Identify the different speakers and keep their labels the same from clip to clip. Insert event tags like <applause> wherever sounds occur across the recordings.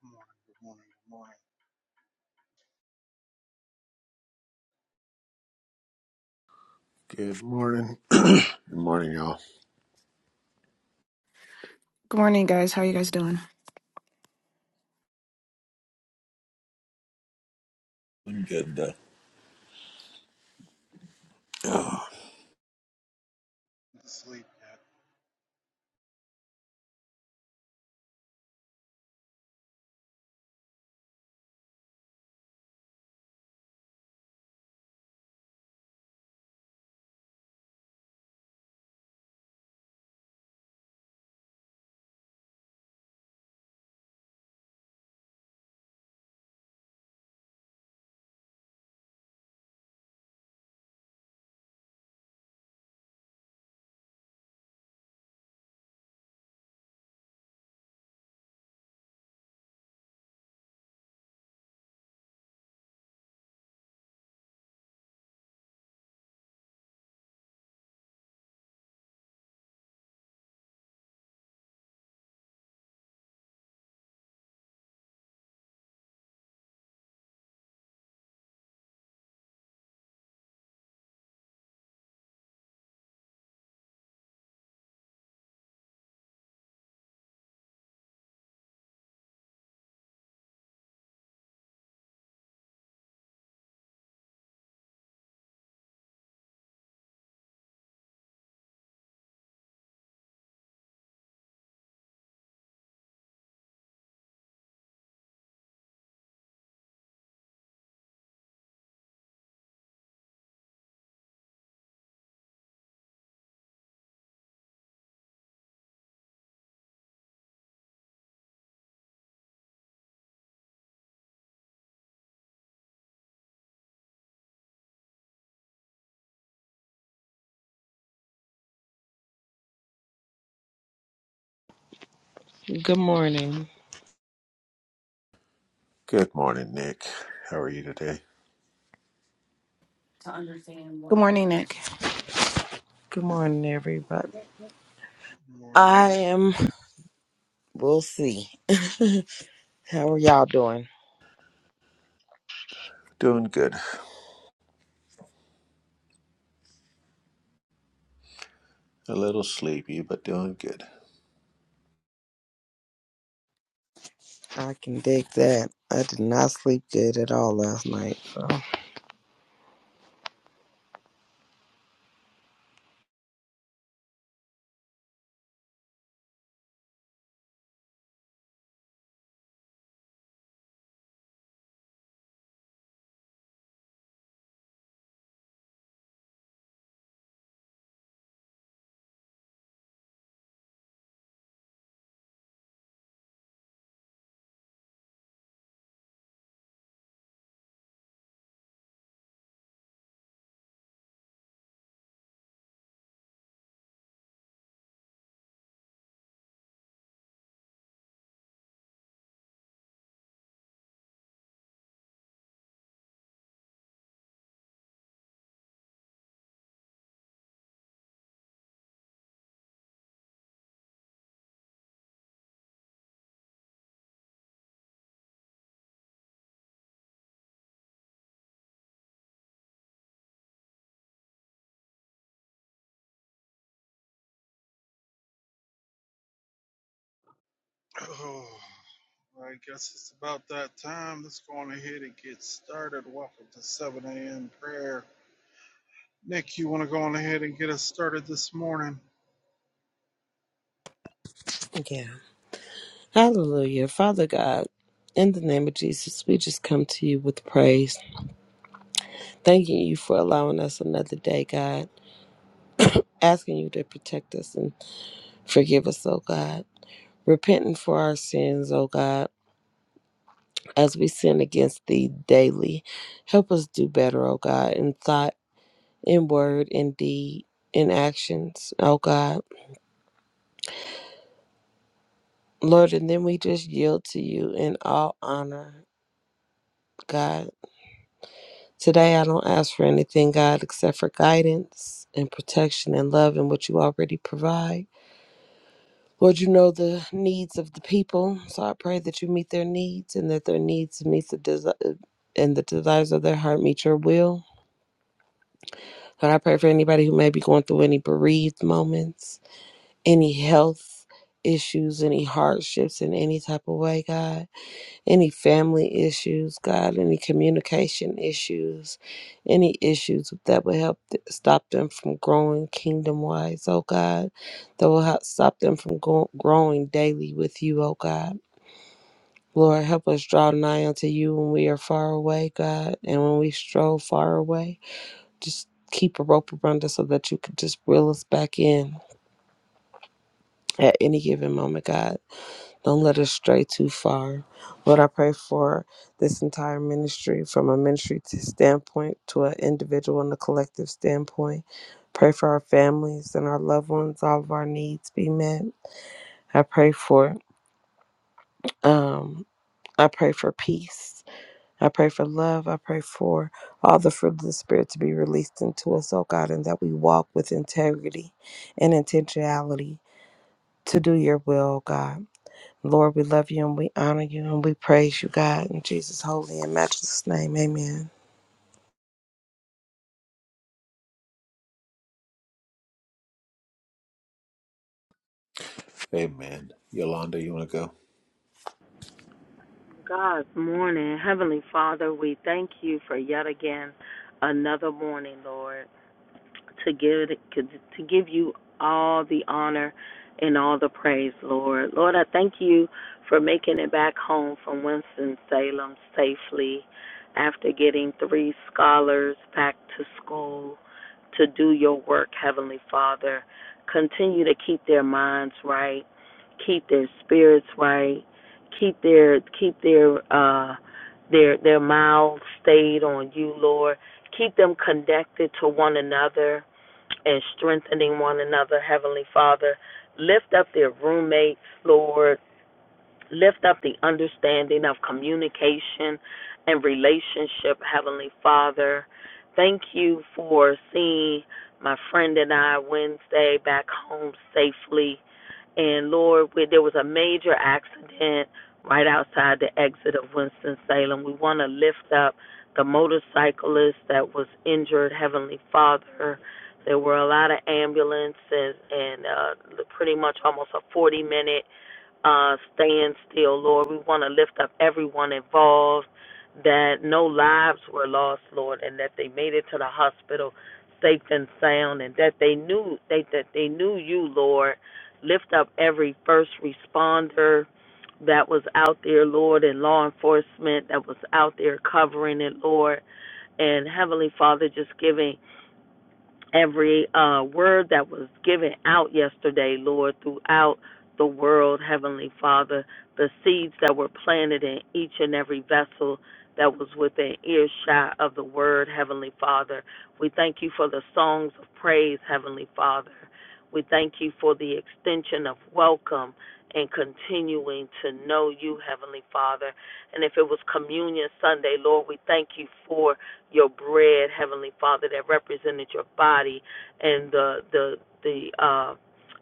Speaker 1: Good morning, good morning, good morning.
Speaker 2: Good morning. Good morning, y'all.
Speaker 3: Good morning, guys. How are you guys doing?
Speaker 2: Doing good. uh, Oh,
Speaker 1: Didn't sleep
Speaker 4: Good morning.
Speaker 2: <sighs> good morning, Nick. How are you today?
Speaker 3: Good morning, Nick.
Speaker 4: Good morning, everybody.
Speaker 1: yet. Good morning,
Speaker 4: I
Speaker 1: Nick.
Speaker 4: am, we'll see. <laughs> How are y'all doing?
Speaker 2: Doing good. A little sleepy, but doing good.
Speaker 4: I can dig that. I did not sleep good at all last night. So,
Speaker 1: Oh, I guess it's about that time. Let's go on ahead and get started. Welcome to 7 a.m. prayer. Nick, you want to go on ahead and get us started this morning?
Speaker 4: yeah. Hallelujah. Father God, in the name of Jesus, we just come to you with praise, thanking you for allowing us another day, God, asking you to protect us and forgive us, oh God, repenting for our sins, oh God, as we sin against thee daily. Help us do better, oh God, in thought in word, in deed, in actions, oh God. Lord, and then we just yield to you in all honor, God. Today I don't ask for anything, God, except for guidance and protection and love and what you already provide. Lord, you know the needs of the people, so I pray that you meet their needs and that their needs meet the desire and the desires of their heart meet your will. Lord, I pray for anybody who may be going through any bereaved moments. any health issues, any hardships in any type of way, God, any family issues, God, any communication issues, any issues that will help th- stop them from growing kingdom wise, oh God, that will help stop them from go- growing daily with you, oh God. Lord, help us draw nigh unto you when we are far away, God, and when we stroll far away. Just keep a rope around us so that you could just reel us back in at any given moment, God. Don't let us stray too far. Lord, I pray for this entire ministry from a ministry t- standpoint to an individual and a collective standpoint. Pray for our families and our loved ones, all of our needs be met. I pray for um I pray for peace. I pray for love. I pray for all the fruit of the Spirit to be released into us, oh God, and that we walk with integrity and intentionality to do your will, oh God. Lord, we love you and we honor you and we praise you, God, in Jesus' holy and matchless name. Amen.
Speaker 2: Amen. Yolanda, you want to go?
Speaker 5: God's morning. Heavenly Father, we thank you for yet again another morning, Lord to give to give you all the honor and all the praise, Lord. Lord, I thank you for making it back home from Winston Salem safely after getting three scholars back to school to do your work, Heavenly Father. Continue to keep their minds right, keep their spirits right, keep their keep their uh their their mouths stayed on you, Lord Keep them connected to one another and strengthening one another, Heavenly Father. Lift up their roommates, Lord. Lift up the understanding of communication and relationship, Heavenly Father. Thank you for seeing my friend and I Wednesday back home safely. And Lord, where there was a major accident right outside the exit of Winston-Salem, we want to lift up the motorcyclist that was injured, Heavenly Father. There were a lot of ambulances and uh, pretty much almost a 40 minute uh, stand still, Lord. We want to lift up everyone involved that no lives were lost, Lord, and that they made it to the hospital safe and sound, and that they knew they that they knew you, Lord. Lift up every first responder that was out there, Lord, and law enforcement that was out there covering it, Lord, and Heavenly Father, just giving every uh, word that was given out yesterday, Lord, throughout the world, Heavenly Father, the seeds that were planted in each and every vessel that was within earshot of the word, Heavenly Father. We thank you for the songs of praise, Heavenly Father. We thank you for the extension of welcome and continuing to know you, Heavenly Father. And if it was Communion Sunday, Lord, we thank you for your bread, Heavenly Father, that represented your body and the the the uh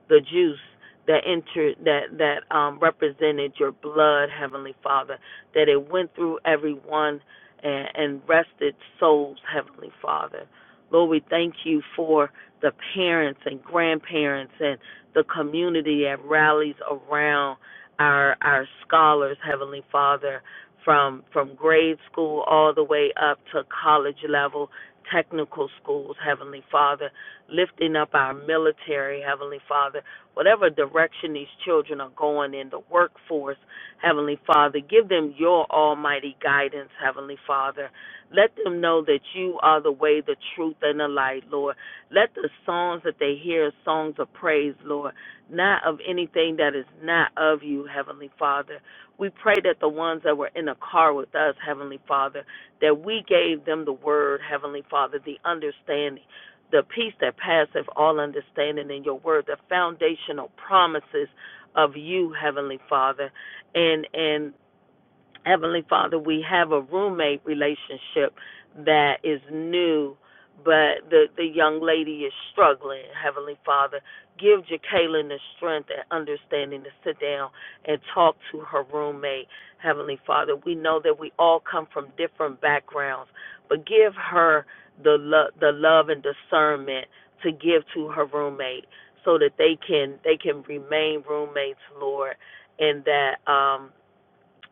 Speaker 5: the juice that entered that that um represented your blood, Heavenly Father, that it went through everyone and, and rested souls, Heavenly Father. Lord, we thank you for the parents and grandparents and the community that rallies around our our scholars, Heavenly Father, from from grade school all the way up to college level technical schools heavenly father lifting up our military heavenly father whatever direction these children are going in the workforce heavenly father give them your almighty guidance heavenly father let them know that you are the way the truth and the light lord let the songs that they hear songs of praise lord not of anything that is not of you heavenly father we pray that the ones that were in the car with us, Heavenly Father, that we gave them the word, Heavenly Father, the understanding, the peace that passeth all understanding in your word, the foundational promises of you, Heavenly Father. And and Heavenly Father, we have a roommate relationship that is new, but the, the young lady is struggling. Heavenly Father, give Jacqueline the strength and understanding to sit down and talk to her roommate. Heavenly Father, we know that we all come from different backgrounds, but give her the lo- the love and discernment to give to her roommate so that they can they can remain roommates, Lord, and that um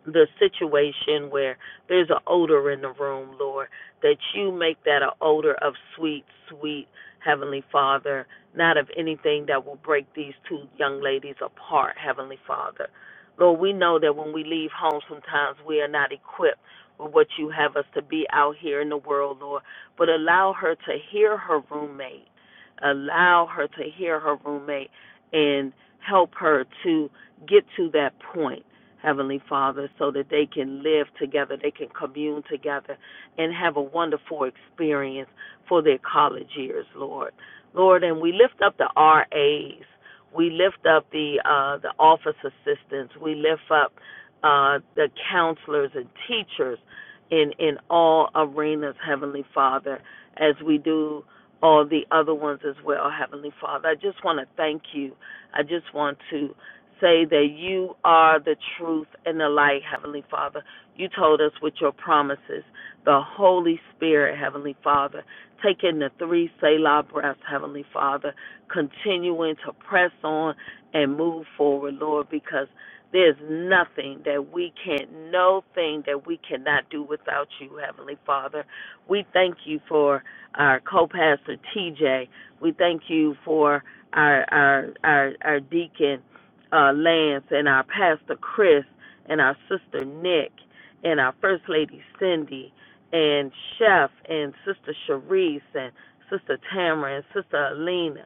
Speaker 5: the situation where there's an odor in the room, Lord, that you make that an odor of sweet, sweet Heavenly Father, not of anything that will break these two young ladies apart, Heavenly Father. Lord, we know that when we leave home, sometimes we are not equipped with what you have us to be out here in the world, Lord, but allow her to hear her roommate. Allow her to hear her roommate and help her to get to that point Heavenly Father, so that they can live together, they can commune together, and have a wonderful experience for their college years, Lord. Lord, and we lift up the RAs, we lift up the uh, the office assistants, we lift up uh, the counselors and teachers in in all arenas, Heavenly Father, as we do all the other ones as well, Heavenly Father. I just want to thank you. I just want to say that you are the truth and the light, Heavenly Father. You told us with your promises, the Holy Spirit, Heavenly Father, taking the three Selah breaths, Heavenly Father, continuing to press on and move forward, Lord, because there's nothing that we can't, no thing that we cannot do without you, Heavenly Father. We thank you for our co-pastor TJ. We thank you for our our our, our deacon uh, Lance and our pastor Chris and our sister Nick and our first lady Cindy and Chef and sister Sharice and sister Tamara and sister Alina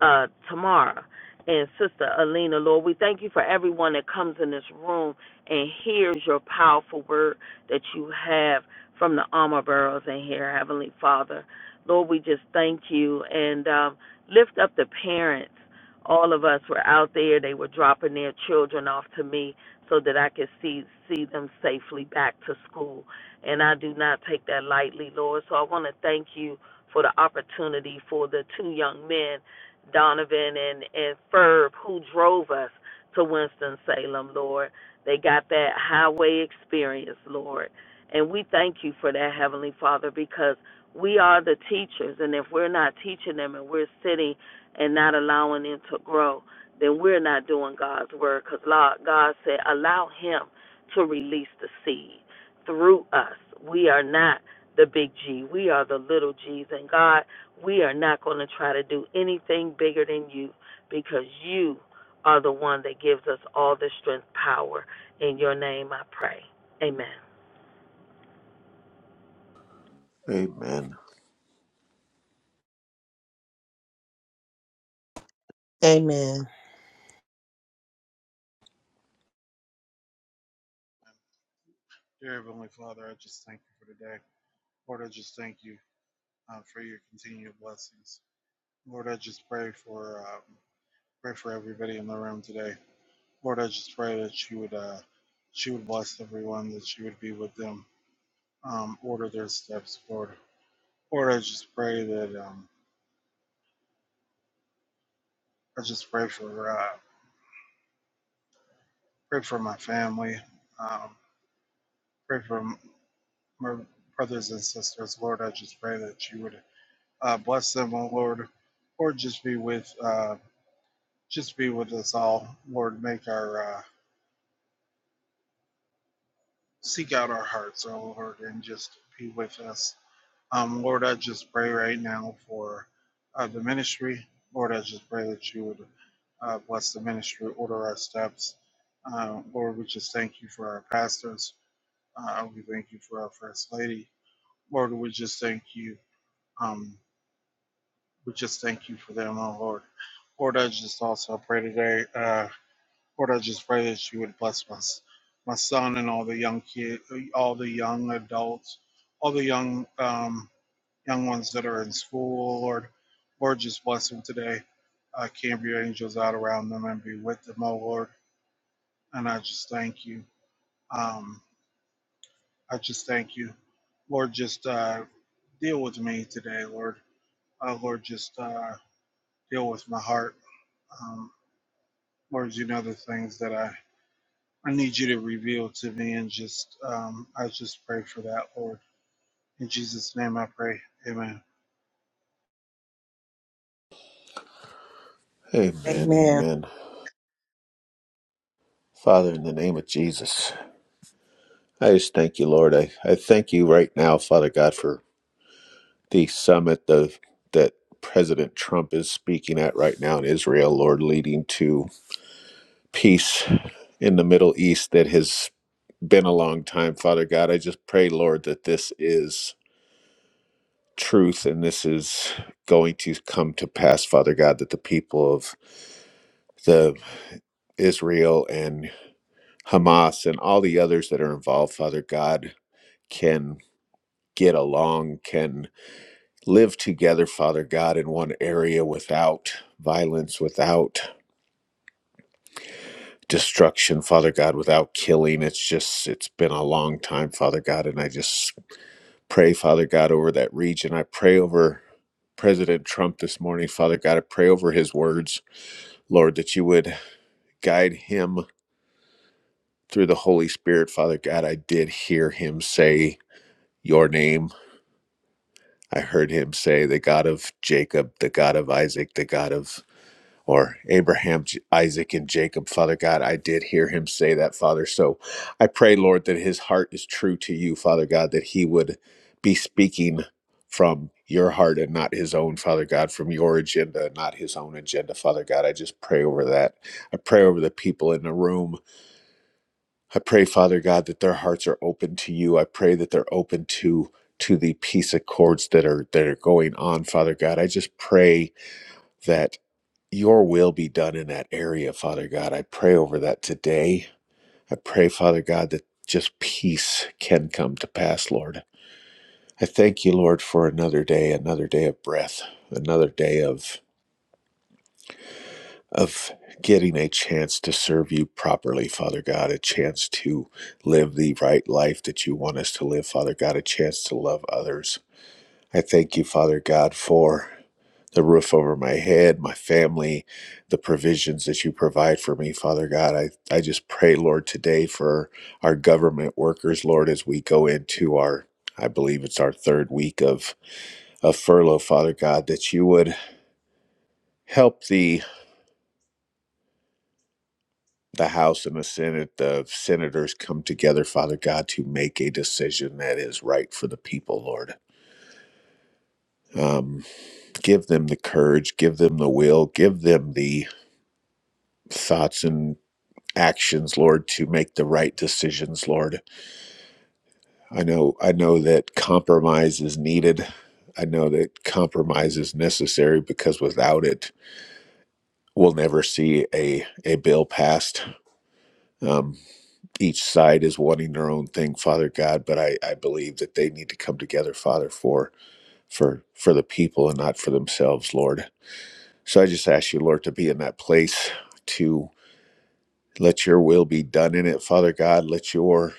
Speaker 5: uh, Tamara and Sister Alina, Lord. We thank you for everyone that comes in this room and hears your powerful word that you have from the armor barrels in here, Heavenly Father. Lord, we just thank you and um, lift up the parents. All of us were out there. They were dropping their children off to me so that I could see see them safely back to school. And I do not take that lightly, Lord. So I want to thank you for the opportunity for the two young men Donovan and, and Ferb who drove us to Winston-Salem, Lord. They got that highway experience, Lord. And we thank you for that, Heavenly Father, because we are the teachers. And if we're not teaching them and we're sitting and not allowing them to grow, then we're not doing God's word because God said, allow Him to release the seed through us. We are not the big G, we are the little G's. And God, we are not going to try to do anything bigger than you because you are the one that gives us all the strength, power. In your name I pray. Amen.
Speaker 2: Amen.
Speaker 4: Amen.
Speaker 1: Dear Heavenly Father, I just thank you for today. Lord, I just thank you uh, for your continued blessings. Lord, I just pray for um, pray for everybody in the room today. Lord, I just pray that you would uh, she would bless everyone, that you would be with them. um, order their steps, Lord. Lord, I just pray that um, I just pray for uh, pray for my family, um, pray for m- my brothers and sisters, Lord. I just pray that you would uh, bless them, oh Lord, or just be with uh, just be with us all, Lord. Make our uh, seek out our hearts, oh Lord, and just be with us Um, Lord, I just pray right now for uh, the ministry. Lord, I just pray that you would uh, bless the ministry, order our steps. Uh, Lord, we just thank you for our pastors. Uh, we thank you for our first lady. Lord, we just thank you. Um, we just thank you for them, oh Lord. Lord, I just also pray today. Uh, Lord, I just pray that you would bless my, s- my son and all the young kid, all the young adults, all the young. Um, young ones that are in school, Lord. Lord, just bless them today. Uh, camp your angels out around them and be with them, oh Lord. And I just thank you. Um, I just thank you. Lord, just uh, deal with me today, Lord. Uh, Lord, just uh, deal with my heart. Um, Lord, you know the things that I, I need you to reveal to me, and just um, I just pray for that, Lord. In Jesus' name I pray. Amen.
Speaker 2: Amen.
Speaker 4: Amen.
Speaker 2: Amen. Father, in the name of Jesus, I just thank you, Lord. I, I thank you right now, Father God, for the summit of, that President Trump is speaking at right now in Israel, Lord, leading to peace in the Middle East that has been a long time, Father God. I just pray, Lord, that this is truth and this is going to come to pass, Father God, that the people of the Israel and Hamas and all the others that are involved, Father God, can get along, can live together, Father God, in one area without violence, without destruction, Father God, without killing. It's just, it's been a long time, Father God, and I just pray, Father God, over that region. I pray over President Trump this morning, Father God. I pray over his words, Lord, that you would guide him through the Holy Spirit, Father God. I did hear him say your name. I heard him say the God of Jacob, the God of Isaac, the God of or Abraham, Isaac, and Jacob, Father God. I did hear him say that, Father. So I pray, Lord, that his heart is true to you, Father God, that he would be speaking from your heart and not his own, Father God, from your agenda, not his own agenda, Father God. I just pray over that. I pray over the people in the room. I pray, Father God, that their hearts are open to you. I pray that they're open to to the peace accords that are that are going on, Father God. I just pray that your will be done in that area, Father God. I pray over that today. I pray, Father God, that just peace can come to pass, Lord. I thank you, Lord, for another day, another day of breath, another day of of getting a chance to serve you properly, Father God, a chance to live the right life that you want us to live, Father God, a chance to love others. I thank you, Father God, for the roof over my head, my family, the provisions that you provide for me, Father God. I, I just pray, Lord, today for our government workers, Lord, as we go into our, I believe it's our third week of, of furlough, Father God, that you would help the the House and the Senate, the senators come together, Father God, to make a decision that is right for the people, Lord. Um, give them the courage, give them the will, give them the thoughts and. actions, Lord, to make the right decisions, Lord. I know I know that compromise is needed. I know that compromise is necessary because without it, we'll never see a a bill passed. Um, each side is wanting their own thing, Father God, but I, I believe that they need to come together, Father, for for for the people and not for themselves, Lord. So I just ask you, Lord, to be in that place to let your will be done in it, Father God. Let your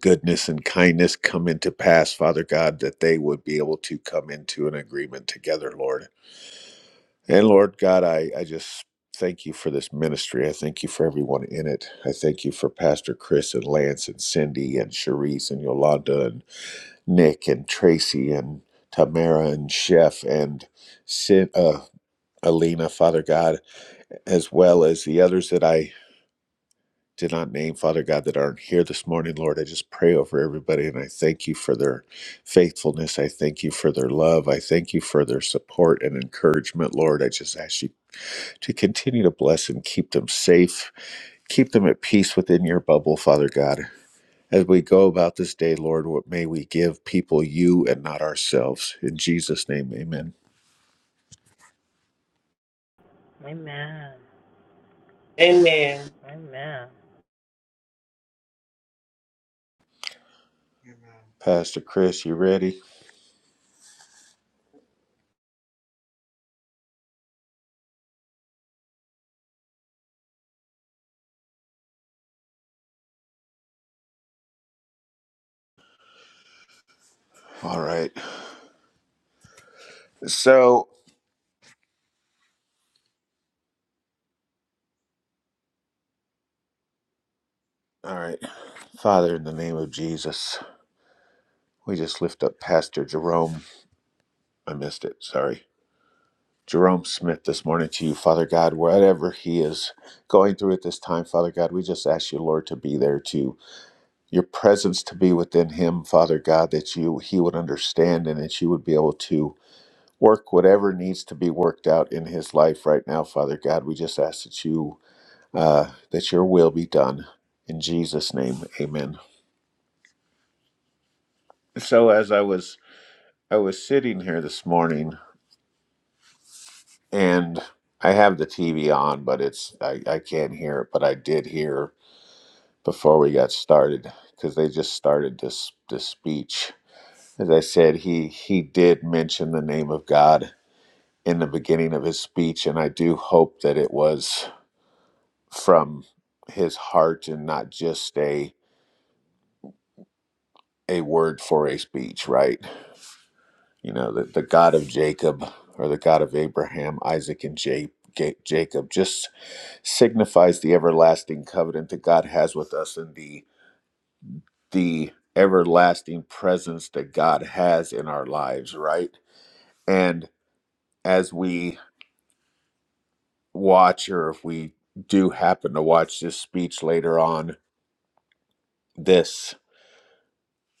Speaker 2: goodness and kindness come into pass, Father God, that they would be able to come into an agreement together, Lord. And Lord God, I, I just thank you for this ministry. I thank you for everyone in it. I thank you for Pastor Chris and Lance and Cindy and Charisse and Yolanda and Nick and Tracy and Tamara and Chef and Sin, uh, Alina, Father God, as well as the others that I did not name, Father God, that aren't here this morning, Lord. I just pray over everybody and I thank you for their faithfulness. I thank you for their love. I thank you for their support and encouragement, Lord. I just ask you to continue to bless and keep them safe, keep them at peace within your bubble, Father God. As we go about this day, Lord, what may we give people you and not ourselves. In Jesus' name, amen.
Speaker 5: Amen.
Speaker 4: Love
Speaker 5: Amen.
Speaker 1: Amen.
Speaker 2: Pastor Chris, you ready? All right. So, all right. Father, in the name of Jesus. We just lift up Pastor Jerome. I missed it. Sorry. Jerome Smith this morning to you, Father God, whatever he is going through at this time, Father God, we just ask you, Lord, to be there to your presence to be within him, Father God, that you he would understand and that you would be able to work whatever needs to be worked out in his life right now, Father God. We just ask that you uh, that your will be done. In Jesus' name, amen. So as I was I was sitting here this morning and I have the TV on, but it's I, I can't hear it. But I did hear before we got started because they just started this this speech. As I said, he he did mention the name of God in the beginning of his speech, and I do hope that it was from his heart and not just a a word for a speech, right? You know, the, the God of Jacob or the God of Abraham, Isaac, and Ja- Ja- Jacob. Just signifies the everlasting covenant that God has with us and the the everlasting presence that God has in our lives, right? And as we watch or if we do happen to watch this speech later on, this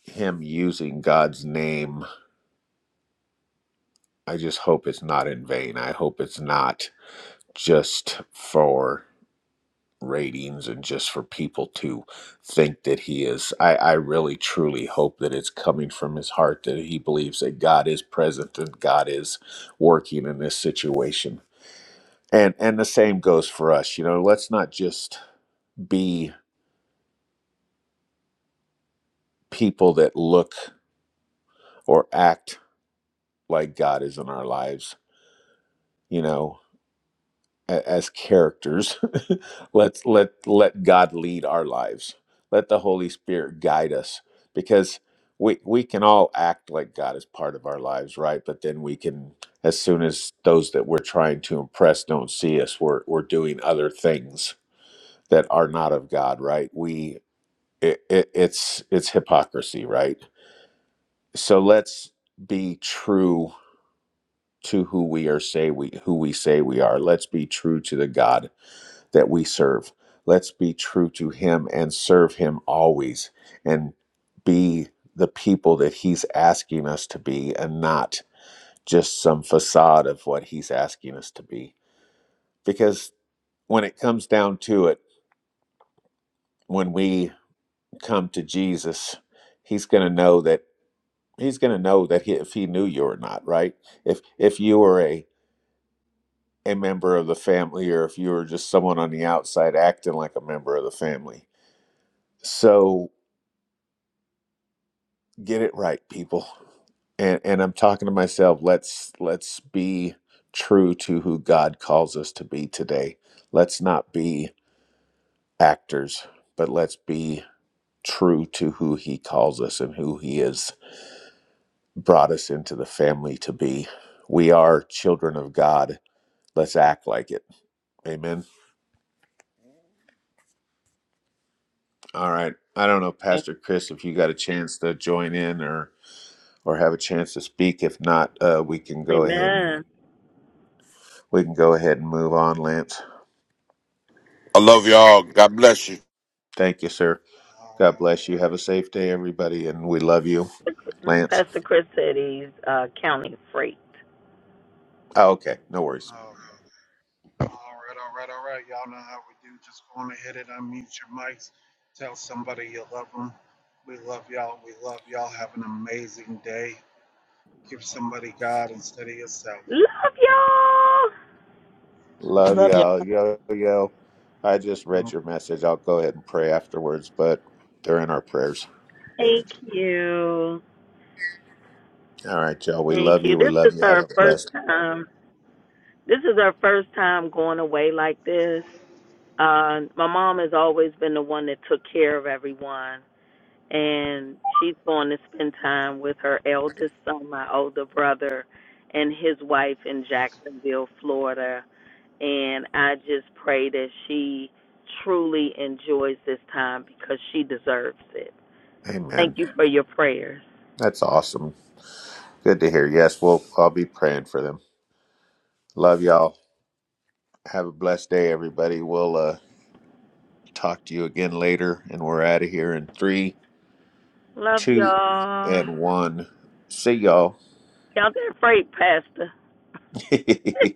Speaker 2: him using God's name, I just hope it's not in vain. I hope it's not just for ratings and just for people to think that he is I, I really truly hope that it's coming from his heart that he believes that God is present and God is working in this situation. And and the same goes for us. You know, let's not just be people that look or act like God is in our lives. You know, a- as characters <laughs> let's let let god lead our lives let the holy spirit guide us because we we can all act like god is part of our lives right but then we can as soon as those that we're trying to impress don't see us we're we're doing other things that are not of god right we it, it, it's it's hypocrisy right so let's be true to who we are say we who we say we are let's be true to the god that we serve. Let's be true to Him and serve Him always and be the people that He's asking us to be and not just some facade of what He's asking us to be. Because when it comes down to it, when we come to Jesus, He's going to know that. He's going to know that he, if he knew you or not, right? If if you were a a member of the family, or if you were just someone on the outside acting like a member of the family, so get it right people and and i'm talking to myself let's let's be true to who god calls us to be today let's not be actors but let's be true to who he calls us and who he has brought us into the family to be we are children of god let's act like it amen all right i don't know pastor chris if you got a chance to join in or or have a chance to speak if not uh, we can go ahead and
Speaker 5: Amen.
Speaker 2: we can go ahead and move on lance
Speaker 6: I love y'all. God bless you.
Speaker 2: Thank you, sir.
Speaker 1: All
Speaker 2: God
Speaker 1: right,
Speaker 2: bless
Speaker 1: all
Speaker 2: you.
Speaker 1: right.
Speaker 2: Have a safe day, everybody, and we love you, Lance.
Speaker 5: Pastor Chris said he's uh, counting freight.
Speaker 2: Oh, okay, no worries.
Speaker 1: Oh, Okay. All right, all right, all right. Y'all know how we do. Just go on ahead and unmute your mics. Tell somebody you love them. We love y'all. We love y'all. Have an amazing day. Give somebody God instead of yourself.
Speaker 5: Love y'all.
Speaker 1: Love
Speaker 2: Love
Speaker 4: Amen.
Speaker 2: y'all. Yo, yo. I just read
Speaker 1: y'all.
Speaker 2: your message. I'll go ahead and pray afterwards, but they're in our prayers.
Speaker 5: Thank you.
Speaker 2: All right, y'all. We
Speaker 5: Thank
Speaker 2: love
Speaker 5: you.
Speaker 2: you. We
Speaker 5: This
Speaker 2: love
Speaker 5: is
Speaker 2: you. Have
Speaker 5: our
Speaker 2: a
Speaker 5: first
Speaker 2: blessed.
Speaker 5: time. This is our first time going away like this. Uh, my mom has always been the one that took care of everyone. and she's going to spend time with her eldest son, my older brother, and his wife in Jacksonville, Florida. And I just pray that she truly enjoys this time because she deserves it. Thank
Speaker 2: Amen.
Speaker 5: you for your prayers.
Speaker 2: That's awesome. Good to hear. Yes, we'll. I'll be praying for them. Love y'all. Have a blessed day, everybody. We'll uh, talk to you again later, and we're out of here in three,
Speaker 5: Love
Speaker 2: two,
Speaker 5: y'all.
Speaker 2: and one. See y'all.
Speaker 5: Y'all did great, Pastor.
Speaker 2: <laughs>
Speaker 5: <laughs>